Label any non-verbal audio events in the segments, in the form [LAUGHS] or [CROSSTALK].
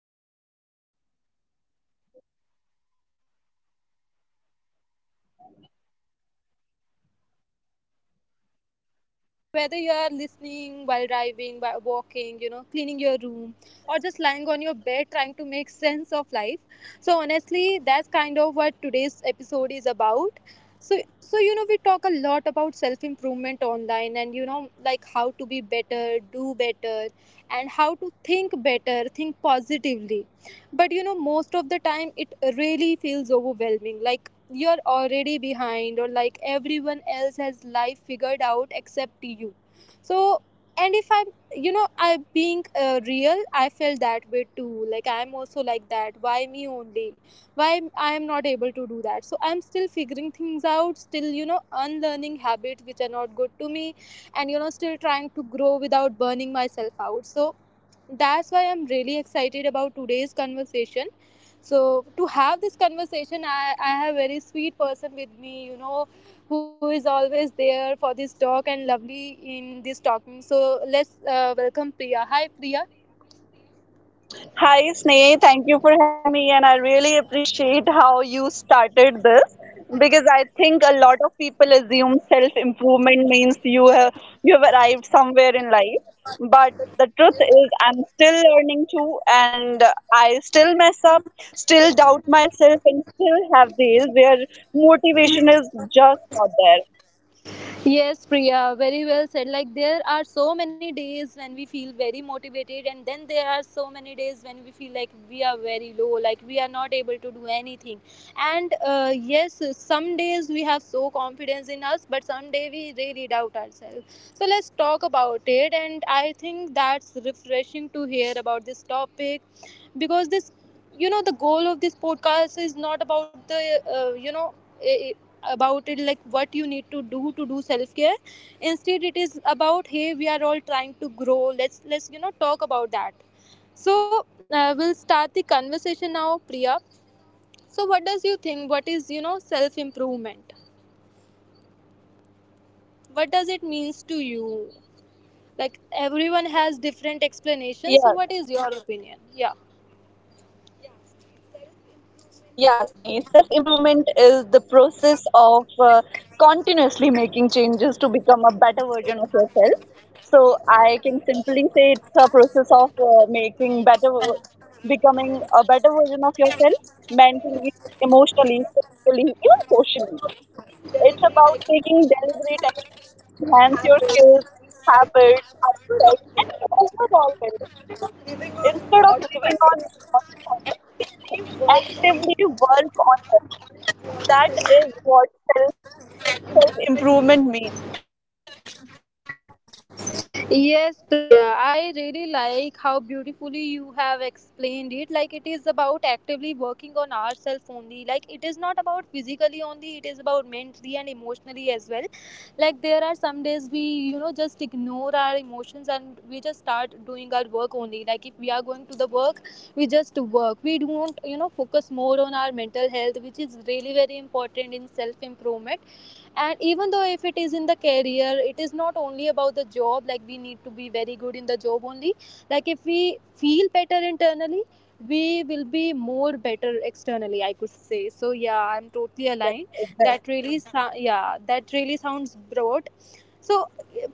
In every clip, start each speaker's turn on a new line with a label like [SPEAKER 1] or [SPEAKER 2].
[SPEAKER 1] Hi everyone, welcome back to the podcast. I'm Sneh, your host, and I'm really glad you are here today. And whether you are listening while driving, while walking, cleaning your room, or just lying on your bed trying to make sense of life. So honestly, that's kind of what today's episode is about. So we talk a lot about self improvement online, and like how to be better, do better, and how to think better, think positively. But most of the time it really feels overwhelming. Like you're already behind, or like everyone else has life figured out except you. So, and if I'm, I am being real, I felt that way too. Like I'm also like that. Why me only? I am not able to do that? So I'm still figuring things out. Still, unlearning habits which are not good to me, and still trying to grow without burning myself out. So that's why I'm really excited about today's conversation. So to have this conversation, I have a very sweet person with me, who is always there for this talk and lovely in this talking. So let's welcome Priya. Hi, Priya.
[SPEAKER 2] Hi, Sneh. Thank you for having me, and I really appreciate how you started this because I think a lot of people assume self improvement means you have arrived somewhere in life, but the truth is I'm still learning too, and I still mess up, still doubt myself, and still have days where motivation is just not there.
[SPEAKER 1] Yes, Priya, very well said. Like, there are so many days when we feel very motivated, and then there are so many days when we feel like we are very low, like we are not able to do anything. And yes, some days we have so confidence in us, but some day we really doubt ourselves. So, let's talk about it. And I think that's refreshing to hear about this topic because the goal of this podcast is not about uh, you know, about it, like what you need to do self care. Instead, it is about, hey, we are all trying to grow, let's talk about that. So we'll start the conversation now, Priya. So what does you think, what is self improvement, what does it means to you? Like everyone has different explanations,
[SPEAKER 2] Yeah,
[SPEAKER 1] so what is your opinion? Yeah.
[SPEAKER 2] Yeah, Sneha. Self improvement is the process of continuously making changes to become a better version of yourself. So I can simply say it's a process of making better, becoming a better version of yourself mentally, emotionally, physically, even socially. It's about
[SPEAKER 1] Deliberate
[SPEAKER 2] taking deliberate action to
[SPEAKER 1] action,
[SPEAKER 2] enhance your skills,
[SPEAKER 1] habits, insights,
[SPEAKER 2] habits,
[SPEAKER 1] and true
[SPEAKER 2] mindsets, and
[SPEAKER 1] confidence.
[SPEAKER 2] overall well being.
[SPEAKER 1] Instead of living on
[SPEAKER 2] Instead of living on
[SPEAKER 1] autopilot,
[SPEAKER 2] autopilot, you
[SPEAKER 1] we work
[SPEAKER 2] actively
[SPEAKER 1] on.
[SPEAKER 2] work on yourself. That is what self improvement means.
[SPEAKER 1] Yes, Priya, I really like how beautifully you have explained it. Like, it is about actively working on ourselves only. Like, it is not about physically only, it is about mentally and emotionally as well. Like, there are some days we, just ignore our emotions, and we just start doing our work only. Like, if we are going to the work, we just work. We don't, focus more on our mental health, which is really very important in self improvement. And even though if it is in the career, it is not only about the job, like we need to be very good in the job only. Like if we feel better internally, we will be more better externally, I could say. So yeah, I'm totally
[SPEAKER 2] Yeah,
[SPEAKER 1] aligned.
[SPEAKER 2] exactly.
[SPEAKER 1] Yeah, that really sounds broad. So,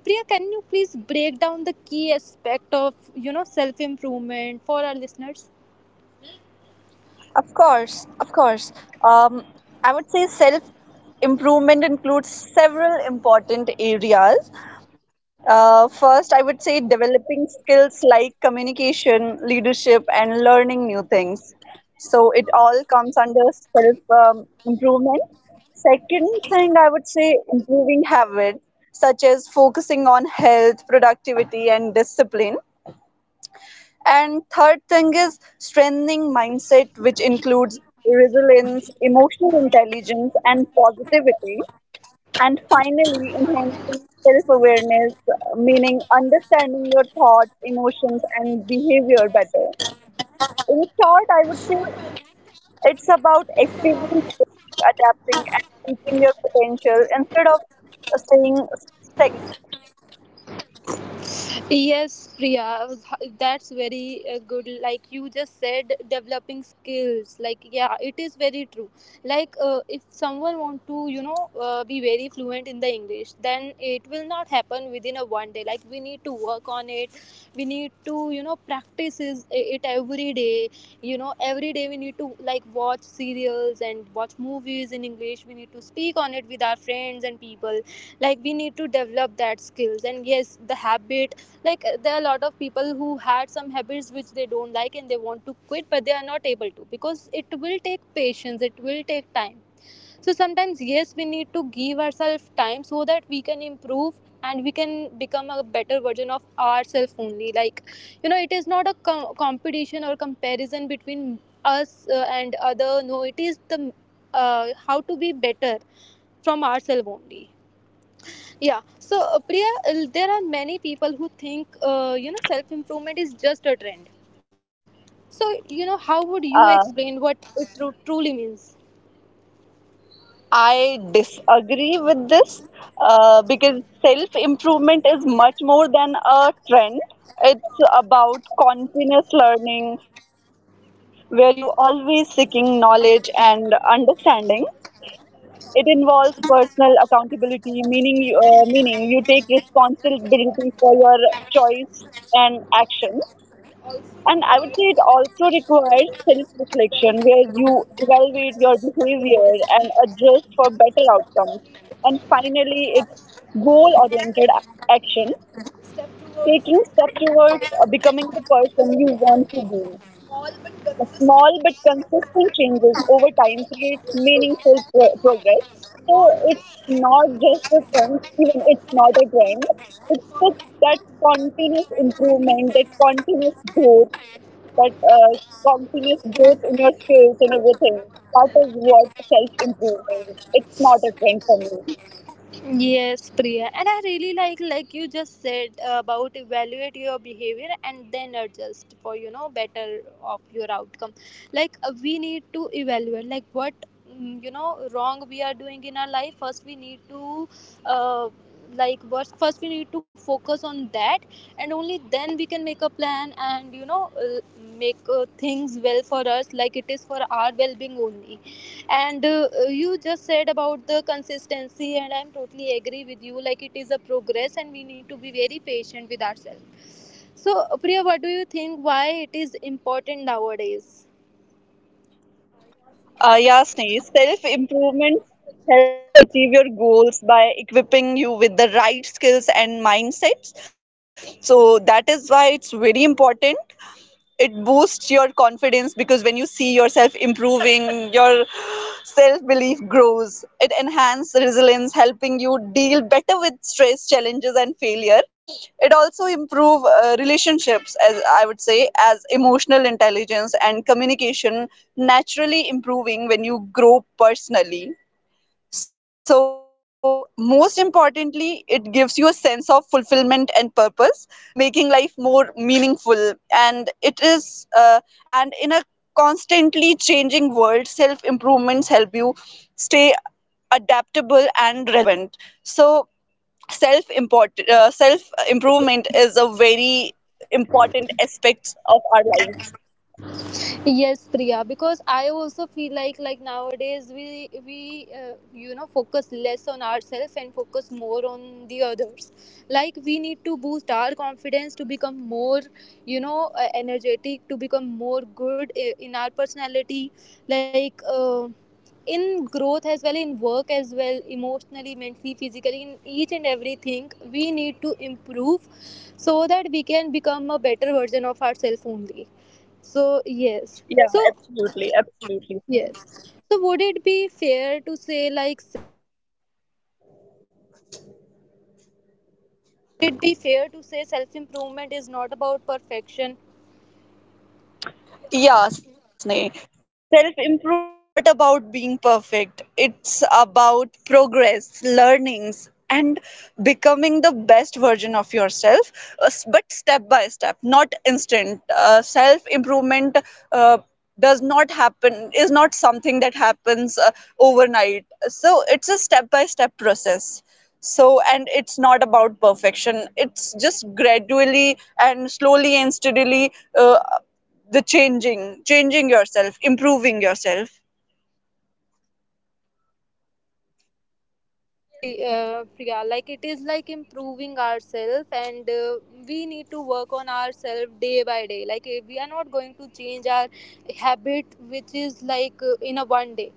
[SPEAKER 1] Priya, can you please break down the key aspect of self improvement for our listeners?
[SPEAKER 2] Of course, of course. Um, I would say self improvement includes several important areas. First, I would say developing skills like communication, leadership, and learning new things. So it all comes under self improvement. Second thing, I would say improving habits such as focusing on health, productivity, and discipline. And third thing is strengthening mindset, which includes resilience, emotional intelligence, and positivity. And finally, enhancing self awareness, meaning understanding your thoughts, emotions, and behavior better. In short, I would say it's about actively growing, adapting, and reaching your potential instead of staying stagnant.
[SPEAKER 1] Yes, Priya, that's very good. Like you just said, developing skills. Like yeah, it is very true. Like if someone want to, be very fluent in the English, then it will not happen within a one day. Like we need to work on it. We need to, practice it every day. Every day we need to, like, watch serials and watch movies in English. We need to speak on it with our friends and people, like we need to develop that skills. And yes, the habit, like there are a lot of people who had some habits which they don't like and they want to quit, but they are not able to because it will take patience, it will take time. So sometimes, yes, we need to give ourselves time so that we can improve, and we can become a better version of ourselves only. Like, it is not a competition or comparison between us and other. No, it is the how to be better from ourselves only. Yeah. So, Priya, there are many people who think, self improvement is just a trend. So, how would you explain
[SPEAKER 2] Uh,
[SPEAKER 1] what it truly means?
[SPEAKER 2] I disagree with this because self improvement is much more than a trend. It's about continuous learning where you always seeking knowledge and understanding. It involves personal accountability, meaning you take responsibility for your choice and action. And I would say it also requires self reflection where you evaluate your behavior and adjust for better outcomes. And finally, it's goal oriented action, taking step towards becoming the person you want to be. Small but consistent changes over time creates meaningful progress. So it's not just a trend, even it's not a trend. It's that continuous improvement, that continuous growth in your skills and everything. That is what self improvement. It's not a trend for me.
[SPEAKER 1] Yes, Priya, and I really like you just said about evaluate your behavior and then adjust for better of your outcome. Like we need to evaluate, like, what wrong we are doing in our life. First, we need to uh, like, first we need to focus on that, and only then we can make a plan, and make things well for us. Like it is for our well being only. And you just said about the consistency, and I'm totally agree with you, like it is a progress and we need to be very patient with ourselves. So, Priya, what do you think, why it is important nowadays?
[SPEAKER 2] Yeah, Sneha, self improvements help you achieve your goals by equipping you with the right skills and mindsets. So, that is why it's very important. It boosts your confidence because when you see yourself improving [LAUGHS] your self belief grows. It enhances resilience, helping you deal better with stress, challenges, and failure. It also improves relationships as I would say as emotional intelligence and communication naturally improving when you grow personally. So, most importantly, it gives you a sense of fulfillment and purpose, making life more meaningful. And it is, and in a constantly changing world, self improvements help you stay adaptable and relevant. So, self improvement is a very important aspect of our lives.
[SPEAKER 1] Yes, Priya, because I also feel like nowadays we focus less on ourselves and focus more on the others. Like we need to boost our confidence to become more, energetic, to become more good in our personality, like in growth as well, in work as well, emotionally, mentally, physically, in each and everything. We need to improve so that we can become a better version of ourselves only. So, yes.
[SPEAKER 2] Yeah,
[SPEAKER 1] So,
[SPEAKER 2] absolutely, absolutely.
[SPEAKER 1] yes. So, would it be fair to say, like,
[SPEAKER 3] Be fair to say self improvement is not about perfection.
[SPEAKER 2] Yeah, Sneh. Self improvement is not about being perfect, it's about progress, learnings, and becoming the best version of yourself, but step by step, not instant. Self improvement uh, does not happen, is not something that happens overnight. So it's a step by step process. So, and it's not about perfection, it's just gradually and slowly and steadily. The changing yourself, improving yourself.
[SPEAKER 3] Yes, Priya, like it is like improving ourselves, and we need to work on ourselves day by day, like eh, we are not going to change our habit which is like, in a 1 day.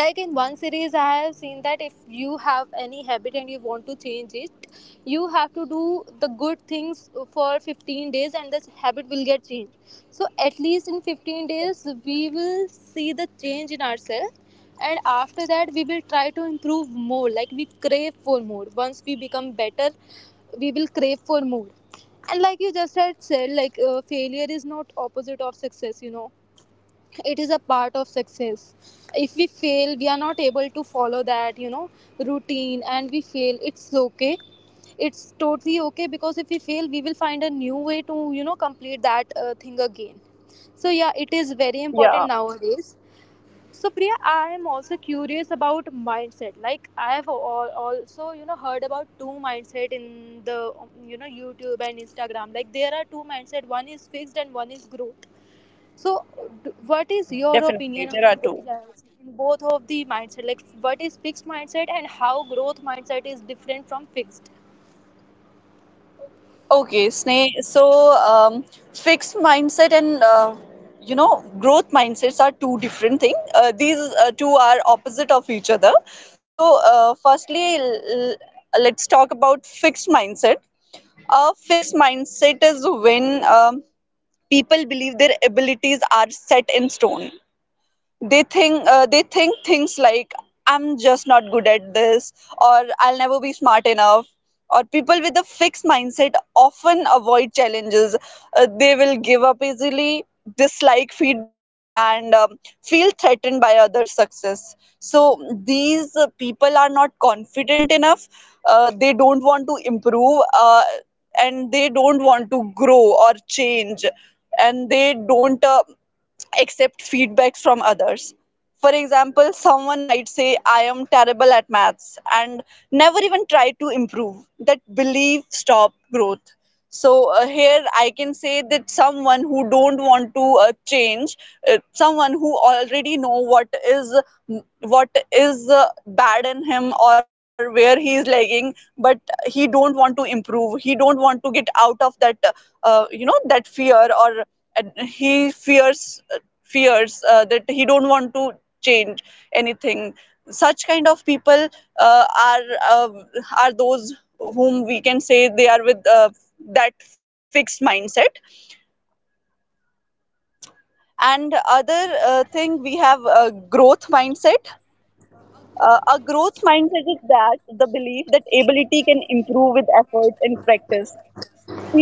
[SPEAKER 3] Like, in one series I have seen that if you have any habit and you want to change it, you have to do the good things for 15 days and this habit will get changed. So at least in 15 days we will see the change in ourselves, and after that we will try to improve more. Like we crave for more. Once we become better, we will crave for more. And like you just had said, like, failure is not opposite of success, you know, it is a part of success. If we fail, we are not able to follow that, you know, routine, and we fail, it's okay. It's totally okay, because if we fail, we will find a new way to, you know, complete that thing again. So yeah, it is very important nowadays. So Priya, I am also curious about mindset. Like I have also, you know, heard about two mindset in the, you know, YouTube and Instagram. Like there are two mindset, one is fixed and one is growth. So, what is your opinion on the, yes, in both of the mindset? Like, what is fixed mindset and how growth mindset is different from fixed?
[SPEAKER 2] Okay, Sneh. So, um, fixed mindset and growth mindsets are two different things. These two are opposite of each other. So, firstly, let's talk about fixed mindset. A fixed mindset is when people believe their abilities are set in stone. They think things like, I'm just not good at this, or I'll never be smart enough. Or people with a fixed mindset often avoid challenges. They will give up easily, dislike feedback, and feel threatened by others' success. So these people are not confident enough. They don't want to improve, and they don't want to grow or change, and they don't accept feedbacks from others. For example, someone might say, I am terrible at maths and never even try to improve. That belief stop growth. So here I can say that someone who don't want to change, someone who already know what is bad in him or where he is lagging, but he don't want to improve. He don't want to get out of that, that fear. Or and he fears that he don't want to change anything. Such kind of people uh, are uh, are those whom we can say they are with that fixed mindset. And
[SPEAKER 3] Yes.
[SPEAKER 2] other thing, we have a growth mindset. A growth mindset is that the belief that ability can improve with efforts and practice.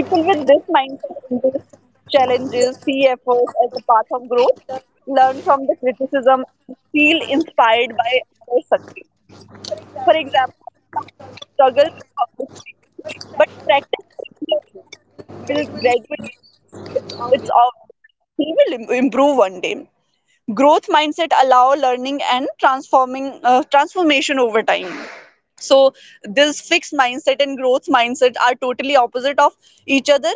[SPEAKER 2] People with this mindset embrace challenges, see efforts as a path of growth, learn from the criticism, and feel inspired by others' success. For example, someone who struggles with public speaking but practice regularly will gradually improve. It's obvious that he will improve one day. Growth mindset allow learning and transforming transformation over time. So this fixed mindset and growth mindset are totally opposite of each other.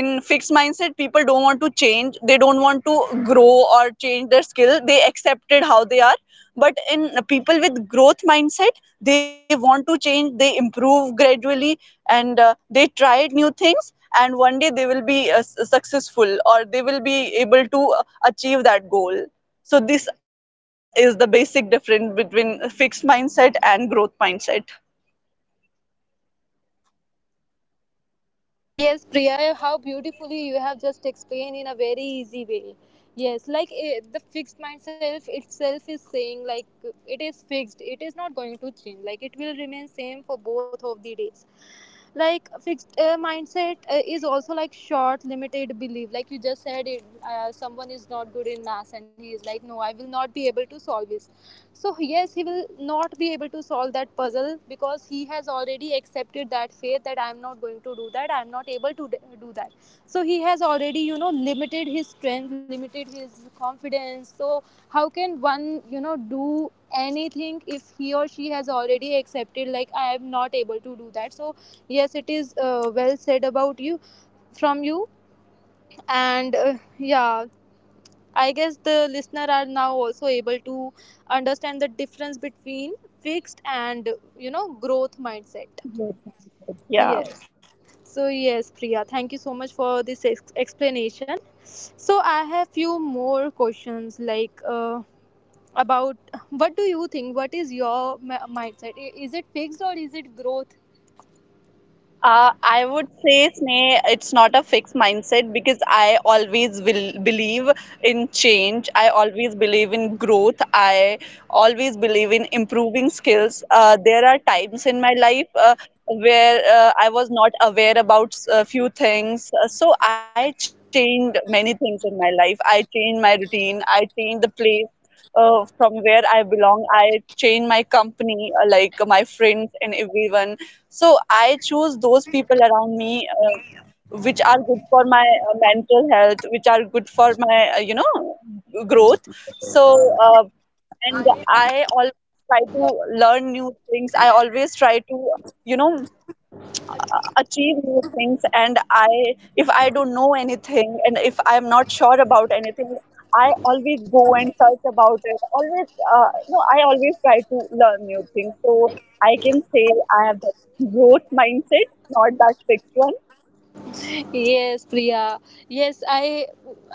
[SPEAKER 2] In fixed mindset, people don't want to change, they don't want to grow or change their skill, they accept it how they are. But in people with growth mindset, they want to change, they improve gradually, and they try new things, and one day they will be successful, or they will be able to achieve that goal. So this is the basic difference between fixed mindset and growth mindset.
[SPEAKER 3] Yes, Priya, how beautifully you have just explained in a very easy way. Yes, like eh, the fixed mindset itself is saying, like, it is fixed. It is not going to change. Like it will remain same for both of the days. Like fixed mindset is also like short, limited belief. Like you just said, it, someone is not good in maths and he is like, no, I will not be able to solve it. So, yes, he will not be able to solve that puzzle because he has already accepted that faith that I'm not going to do that, I'm not able to do that. So, he has already, you know, limited his strength, limited his confidence. So, how can one, you know, do anything if he or she has already accepted, like, I am not able to do that? So, yes, it is, well said about you, from you. And yeah, I guess the listener are now also able to understand the difference between fixed and, you know, growth mindset. Yes. So yes, Priya, thank you so much for this explanation. So I have few more questions like, about, what do you think? What is your mindset? Is it fixed or is it growth?
[SPEAKER 2] I would say, Sneh, it's not a fixed mindset because I always will believe in change. I always believe in growth. I always believe in improving skills. There are times in my life where I was not aware about a few things. So I changed many things in my life. I changed my routine. I changed the place from where I belong. I change my company, like my friends and everyone. So I choose those people around me, which are good for my mental health, which are good for my, growth. So, and I always try to learn new things. I always try to, you know, achieve new things. And I if I don't know anything, and if I'm not sure about anything, I always go and search about it always. No I always try to learn new things. So I can say I have that growth mindset, not that fixed one.
[SPEAKER 3] Yes, Priya. yes i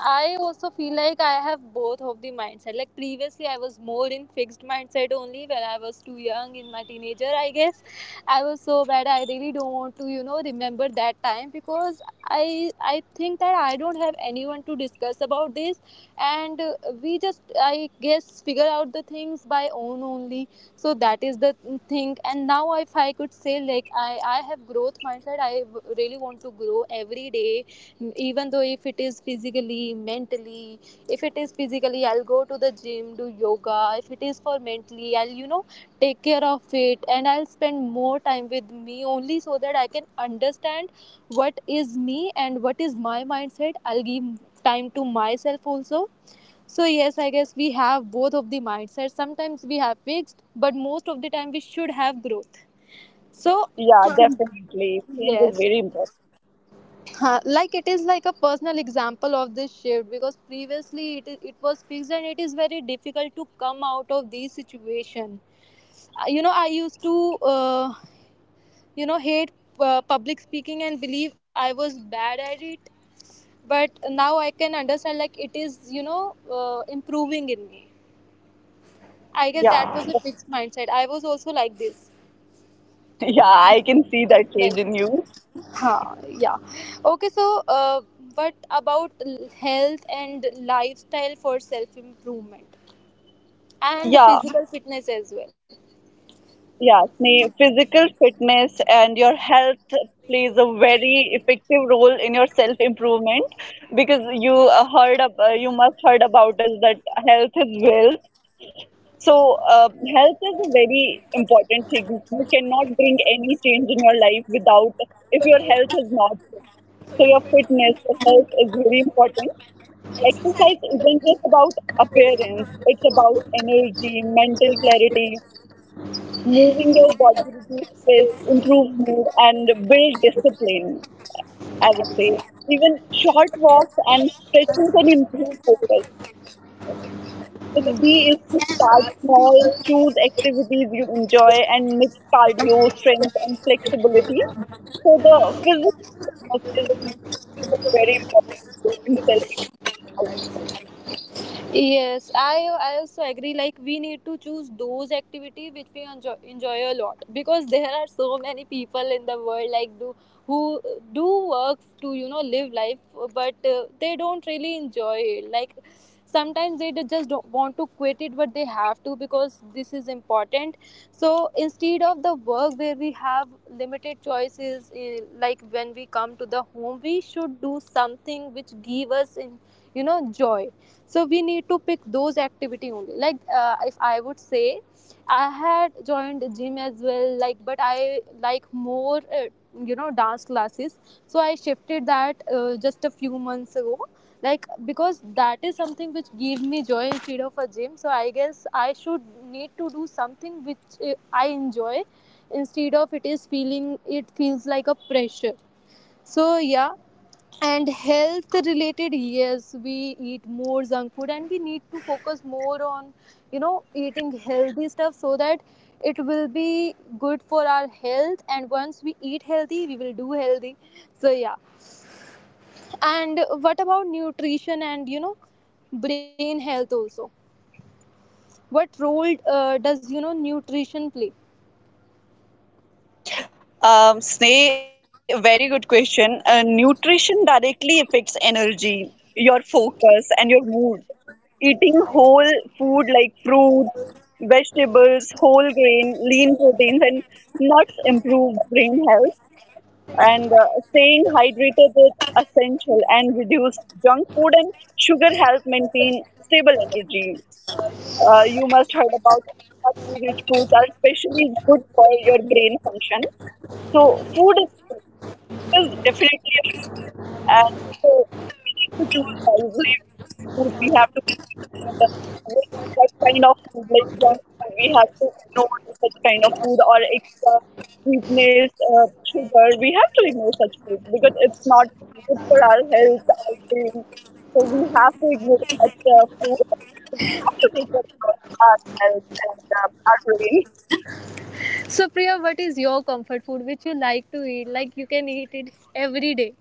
[SPEAKER 3] i also feel like I have both of the mindset. Like previously I was more in fixed mindset only. When I was too young, in my teenager I guess, I was so bad. I really don't want to, you know, remember that time, because I think that I don't have anyone to discuss about this, and we just, I guess, figure out the things by own only. So that is the thing. And now if I could say, like, I have growth mindset. I really want to grow every day, even though if it is physically, mentally. If it is physically, I'll go to the gym, do yoga. If it is for mentally, I'll, you know, take care of it, and I'll spend more time with me only, so that I can understand what is me and what is my mindset. I'll give time to myself also. So yes, I guess we have both of the mindsets. Sometimes we have fixed, but most of the time we should have growth. So
[SPEAKER 2] Yeah, definitely. Change is
[SPEAKER 3] yes.
[SPEAKER 2] very important.
[SPEAKER 3] Huh, like it is like a personal example of this shift, because previously it was fixed, and it is very difficult to come out of this situation. You know, I used to, you know, hate, public speaking, and believe I was bad at it. But now I can understand, like, it is, you know, improving in me. I guess that was
[SPEAKER 2] Yeah.
[SPEAKER 3] a fixed mindset. I was also like this.
[SPEAKER 2] [LAUGHS] Yeah, I can see that change in
[SPEAKER 3] Like,
[SPEAKER 2] you.
[SPEAKER 3] huh, yeah. Okay, so what about health and lifestyle for self improvement, and
[SPEAKER 2] Yeah.
[SPEAKER 3] physical fitness as well.
[SPEAKER 2] Yes, me, physical fitness and your health plays a very effective role in your self improvement because you must heard about us that health is wealth. So health is a very important thing. You cannot bring any change in your life without, if your health is not good. So your fitness, your health is very important.
[SPEAKER 3] Exercise.
[SPEAKER 2] Exercise isn't just about appearance; it's about energy, mental clarity. Moving your body reduces stress, improves mood, and build discipline, I would say. Even short walks and stretching can improve focus. The key is to start small, choose activities you enjoy, and mix cardio, strength, and flexibility. So the physical fitness is plays a very important role in self improvement, I would say.
[SPEAKER 3] Yes, I also agree. Like we need to choose those activity which we enjoy, enjoy a lot, because [LAUGHS] there are so many people in the world like do, who do work to, you know, live life, but they don't really enjoy it. Like sometimes they just don't want to quit it, but they have to because this is important. So instead of the work where we have limited choices, eh, like when we come to the home, we should do something which give us in, you know, joy. So we need to pick those activity only. Like, if I would say, I had joined the gym as well, like, but I like more, you know, dance classes. So I shifted that, just a few months ago, like, because that is something which gave me joy instead of a gym. So I guess I should need to do something which, I enjoy, instead of it is feeling, it feels like a pressure. So yeah. And health related, yes, we eat more junk food, and we need to focus more on, you know, eating healthy stuff, so that it will be good for our health, and once we eat healthy, we will do healthy. So yeah. And what about nutrition and, you know, brain health also? What role does, you know, nutrition play?
[SPEAKER 2] Sneh, very good question. Nutrition directly affects energy, your focus, and your mood. Eating whole food like fruits, vegetables, whole grain, lean proteins, and nuts improve brain health. And staying hydrated is essential, and reduce junk food and sugar help maintain stable energy. You must heard about omega 3 rich foods are especially good for your brain function. So food is fuel. Food is definitely a fuel, and so you, we need to choose wisely which food we have to consume, and which, what kind of food, like junk food, we have to ignore. Such kind of food or extra sweetness, sugar, we have to ignore such food because it's not good for our health, our brain. So we have to ignore such food. So we have to take care about our health and our brain.
[SPEAKER 3] So Priya, what is your comfort food which you like to eat, like you can eat it every day?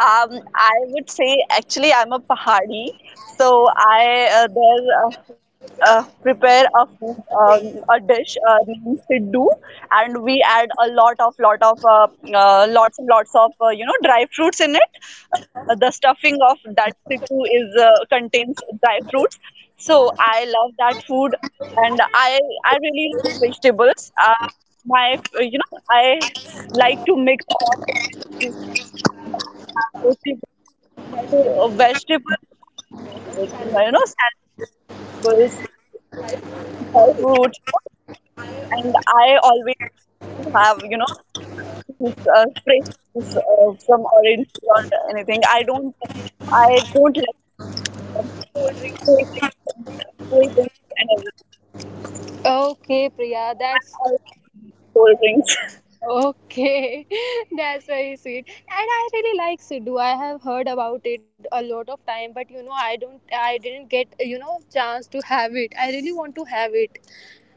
[SPEAKER 2] I would say actually I'm a Pahari, so I there will prepare a food, a dish named siddu, and we add a lot of lots and lots of dry fruits in it. The stuffing of that siddu is contains dry fruits. So I love that food, and I really love vegetables. My you know I like to mix all the veggies and have roti with that. So vegetables are my favorite. You know, salads, vegetables, dry fruits, all these things. And I always prefer to have, uh, juice, fresh juice from oranges or anything. I don't like, like um, cold drinks and everything.
[SPEAKER 3] Okay Priya,
[SPEAKER 2] I
[SPEAKER 3] that's,
[SPEAKER 2] always avoid cold drinks. [LAUGHS]
[SPEAKER 3] okay, [LAUGHS] that's very sweet. And I really like Sidhu. I have heard about it a lot of time, but you know, I don't, I didn't get, you know, chance to have it. I really want to have it.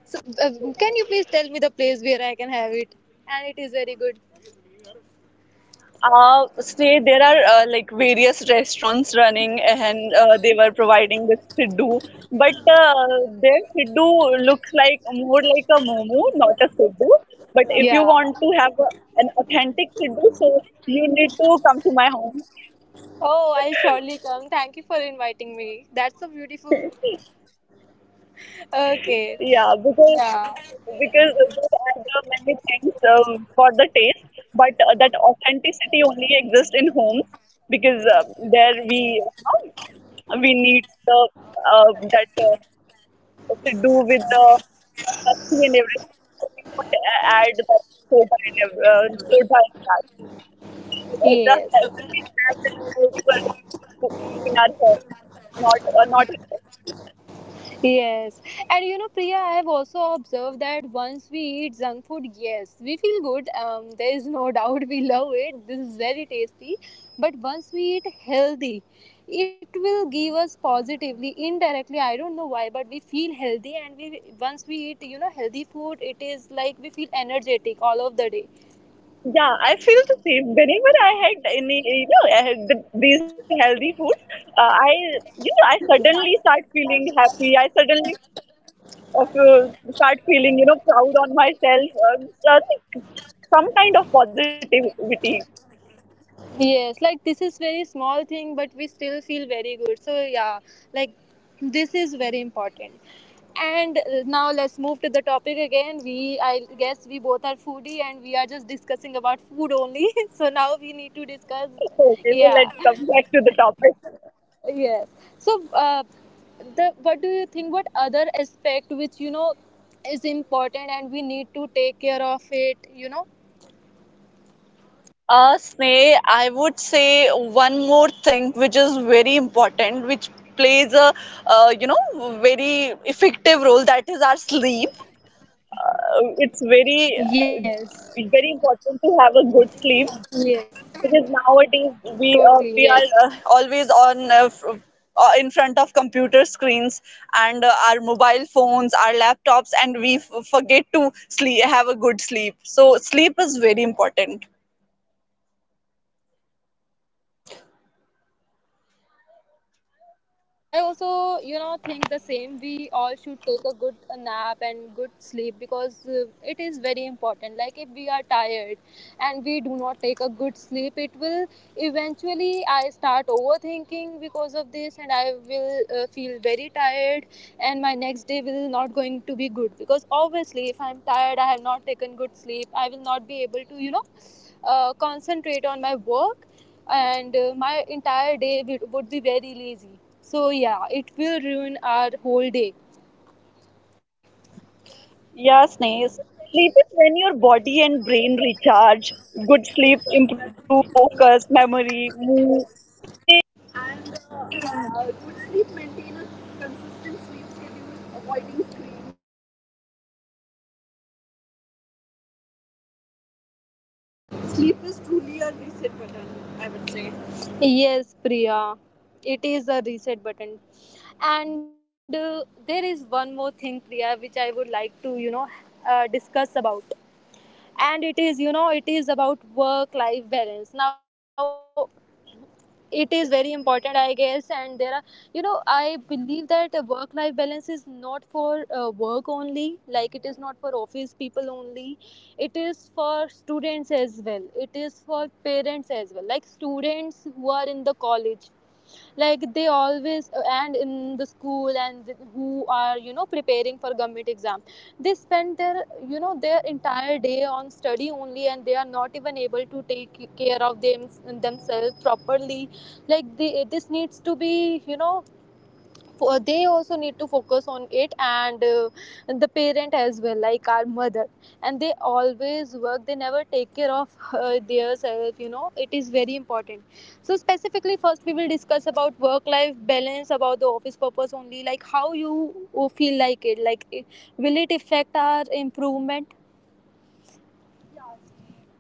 [SPEAKER 3] So, can you please tell me the place where I can have it? And it is very good.
[SPEAKER 2] Stay there are like various restaurants running and they were providing this siddu, but their siddu looks like more like a momo, not a siddu. But if you
[SPEAKER 3] Yeah.
[SPEAKER 2] want to have an authentic siddu, so you need to come to my home.
[SPEAKER 3] Oh, I'll surely come. Thank you for inviting me. That's so beautiful. Okay.
[SPEAKER 2] Yeah,
[SPEAKER 3] Yeah.
[SPEAKER 2] because they add many things for the taste, but that authenticity only exists in homes, because there we, you know, we need the that siddu with the lassi and everything, so we don't add that soda and soda in that. So the
[SPEAKER 3] Yes.
[SPEAKER 2] you can have that healthy version of siddu only in our homes, not, not in restaurants.
[SPEAKER 3] Yes, and you know, Priya, I have also observed that once we eat junk food, yes, we feel good. There is no [LAUGHS] doubt we love it. This is very tasty. But once we eat healthy, it will give us positively, indirectly. I don't know why, but we feel healthy, and we, once we eat, you know, healthy food, it is like we feel energetic all of the day.
[SPEAKER 2] Yeah, I feel the same. Whenever I had any, you know, I had th these healthy foods, uh, I, you know, I suddenly start feeling happy. I suddenly start feeling, you know, proud on myself. So I think some kind of positivity.
[SPEAKER 3] Yes, like this is very small thing, but we still feel very good. So yeah, like this is very important. And now let's move to the topic again. We, I guess, we both are foodie, and we are just discussing about food only. [LAUGHS] So now we need to discuss.
[SPEAKER 2] Okay, so
[SPEAKER 3] Yeah,
[SPEAKER 2] let's come back to the topic.
[SPEAKER 3] yes. So, the, what do you think? What other aspect which you know is important, and we need to take care of it? You know.
[SPEAKER 2] Uh, Role, that is our sleep. It's
[SPEAKER 3] Yes.
[SPEAKER 2] very, very important to have a
[SPEAKER 3] Yes.
[SPEAKER 2] good sleep, because nowadays
[SPEAKER 3] Totally.
[SPEAKER 2] we
[SPEAKER 3] Yes.
[SPEAKER 2] are, always on, in front of computer screens and, our mobile phones, our laptops, and we forget to sleep, have a good sleep. So sleep is very important,
[SPEAKER 3] I also, you know, think the same. We all should take a good nap and good sleep. It is very important. Like if we are tired and we do not take a good sleep, it will eventually, I start overthinking because of this, and I will, feel very tired, and my next day will not going to be good, because obviously if I'm tired, I have not taken good sleep, I will not be able to, you know, concentrate on my work, and my entire day would be very lazy. So yeah, it will ruin our whole day.
[SPEAKER 2] yeah, Sneha. Sleep is when your body and brain recharge. Good sleep improve focus, memory, mood, immunity, and energy.
[SPEAKER 3] And
[SPEAKER 2] And
[SPEAKER 3] Could sleep maintain
[SPEAKER 2] good
[SPEAKER 3] a
[SPEAKER 2] sleep, maintain a
[SPEAKER 3] consistent sleep schedule,
[SPEAKER 2] consistent sleep
[SPEAKER 3] avoiding
[SPEAKER 2] schedule,
[SPEAKER 3] screens?
[SPEAKER 2] avoiding screens before bed, creating a calm bedtime routine can make a big difference, you know. Sleep is truly a reset button, I would say.
[SPEAKER 3] Yes, Priya, it is a reset button. And there is one more thing, Priya, which I would like to, you know, discuss about. And it is, you know, it is about work life balance. Now, it is very important, I
[SPEAKER 2] Yeah,
[SPEAKER 3] guess.
[SPEAKER 2] very
[SPEAKER 3] And there
[SPEAKER 2] important.
[SPEAKER 3] are, you know, I believe that work life balance is not for, work only, like it is not for office people only. It is for students as well. It is for parents as well, like students who are in the college like they
[SPEAKER 2] Yeah, true,
[SPEAKER 3] always
[SPEAKER 2] Sneh.
[SPEAKER 3] and in the school and who are preparing for government exam. They spend their their entire day on study only, and they are not even able to take care of themselves properly. Like they, this needs to be for they also need to focus on it, and the parent as well, like our mother, and they always work, they never take care of their self. It is very important. So specifically, first we will discuss about work life balance about the office purpose only, like how you feel like it, like will it affect our improvement?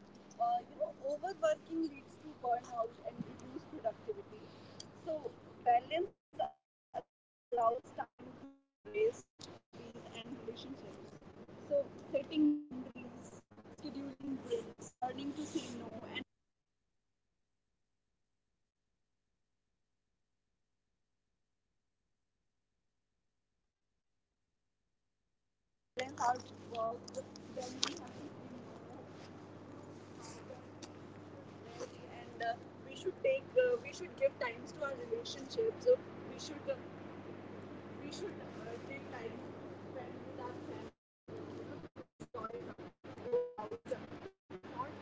[SPEAKER 2] Yeah, Sneh. You know, overworking leads to burnout and reduced productivity. So balance allows time to rest, hobbies, and relationships. So setting boundaries, scheduling breaks, learning to say no, and focusing on priorities help sustain long term growths. So work life balance is very important. We should know how to, you know, how to balance our work, when we have to say no, you know, how when we should rest, and we should take we should give times to our relationships. So we should it, we should take time to spend with our family, you know, to enjoy something, to go out. Life is not uh,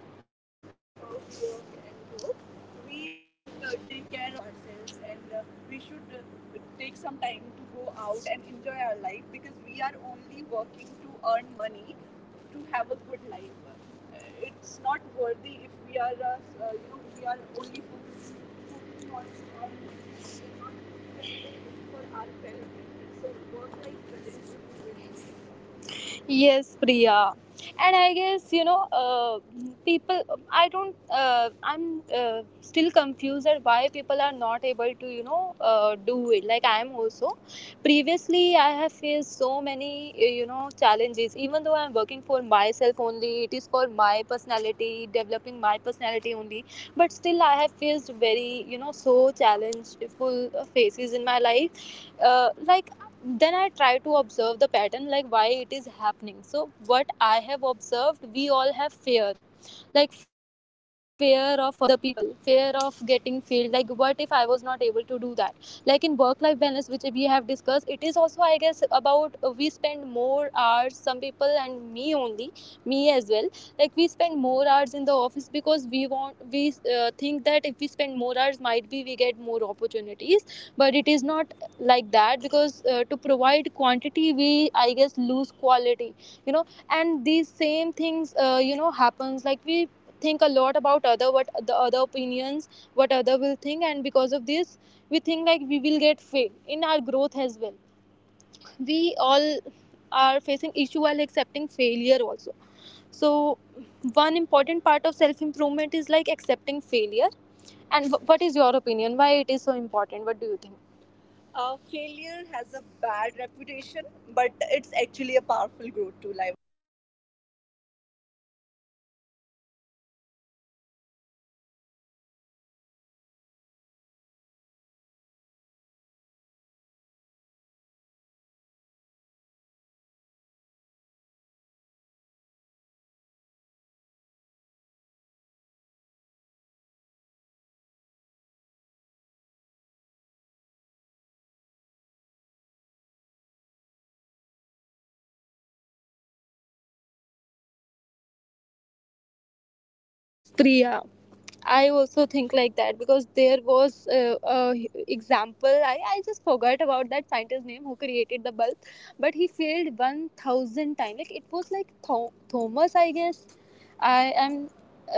[SPEAKER 2] fully about work and work. We should take care of ourselves, and we should take some time to go out and enjoy our life, because we are only working to earn money, to have a good life. It's not worthy if we are you know, we are only focusing on to earn money, and we are not spending it for our well being. So work life balance is very, very important.
[SPEAKER 3] Yes, Priya. And I guess, people, I don't, I'm still confused at why people are not able to, do it. Like I am also. Previously, I have faced so many, challenges. Even though I'm working for myself only, it is for my personality, developing my only. But still, I have faced very, so challengeful phases in my life, like then I try to observe the pattern, like why it is happening. So what I have observed, we all have fear, like fear of other people, fear of getting failed. Like what if I was not able to do that? Like in work life balance which we have discussed, it is also, I guess, about we spend more hours, some people, and me only, me as well. Like we spend more hours in the office because we want, we think that if spend more hours, might be we get more opportunities. But it is not like that, because to provide quantity, we, I guess, lose quality, and these same things happens. Like we think a lot about other, what the other opinions, what other will think, and because of this think, like we will get fail in our growth as well. We all are facing issue while accepting failure also. So one important part of self improvement is like accepting failure. And what is your opinion, why it is so important? What do you think?
[SPEAKER 2] Failure has a bad reputation, but it's actually a powerful growth tool, I would say. Because people fear failure because of judgment, disappointment, and the unknown. But failure isn't the opposite of success. As you mentioned earlier, it's a part of it. Every failure provides feedback and lessons. So we should not be, you know, afraid to fail, because it's a part of growth. if you're if you're failing, so it means you are trying something new. So we should not afraid of failing.
[SPEAKER 3] Yes, Priya. I also think like that, because there was a example. I just forgot about that scientist's name who created the bulb, but he failed 1,000 times. Like it was like Thomas, I guess. I am.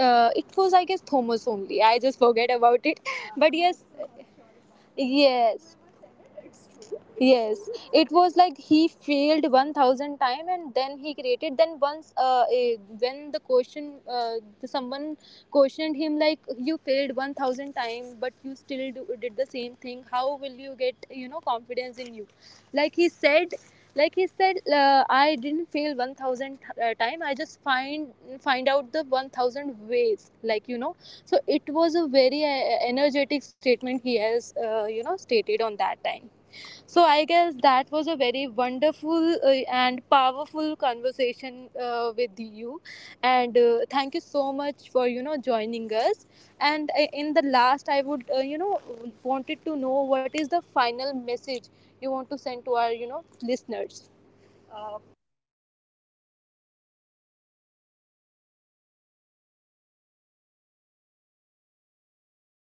[SPEAKER 3] It was, I guess, Thomas only. I just forget about it. [LAUGHS] But yes,
[SPEAKER 2] I'm also not
[SPEAKER 3] yes,
[SPEAKER 2] sure about it, but whoever said
[SPEAKER 3] yes,
[SPEAKER 2] it,
[SPEAKER 3] it was like
[SPEAKER 2] it's
[SPEAKER 3] he
[SPEAKER 2] true, it's
[SPEAKER 3] failed
[SPEAKER 2] definitely true.
[SPEAKER 3] 1,000 time, and then he created. Then once when the question the, someone questioned him like, you failed 1,000 time, but you still do, did the same thing. How will you get confidence in you? like he said like he said, I didn't fail 1,000 time, I just find out the 1,000 ways, like, you know. So it was a very energetic statement he has stated on that time. So I guess that was a very wonderful and powerful conversation with you, and thank you so much for joining us. And in the last, I would, wanted to know, what is the final message you want to send to our, listeners?
[SPEAKER 2] um, Thank you, Sneh. Self improvement I would say self improvement start with caring for your mindset,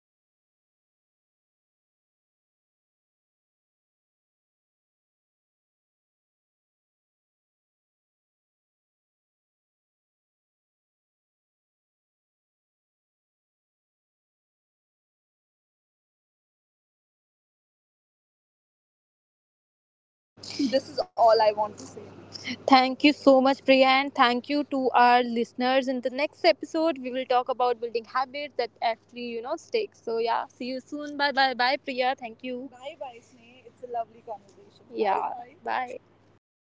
[SPEAKER 2] health, habits, and how you handle failure. Pick just one area this week and make a small change. Even one step can create big impact over lives. So please, please pick something like this one area and try to change, try to bring a change, try to improve. This is all I want to
[SPEAKER 3] Thank you
[SPEAKER 2] say.
[SPEAKER 3] so much, Priya, and thank you to our listeners. In the next episode, we will talk about building habits that actually, stick. So, yeah, see you soon. Bye bye. Bye, Priya. Thank you. Bye bye, Sneh. It's a
[SPEAKER 2] Bye
[SPEAKER 3] lovely
[SPEAKER 2] bye,
[SPEAKER 3] conversation.
[SPEAKER 2] Sneh. It's a
[SPEAKER 3] Yeah.
[SPEAKER 2] lovely
[SPEAKER 3] Bye. Bye.
[SPEAKER 2] conversation. Bye bye.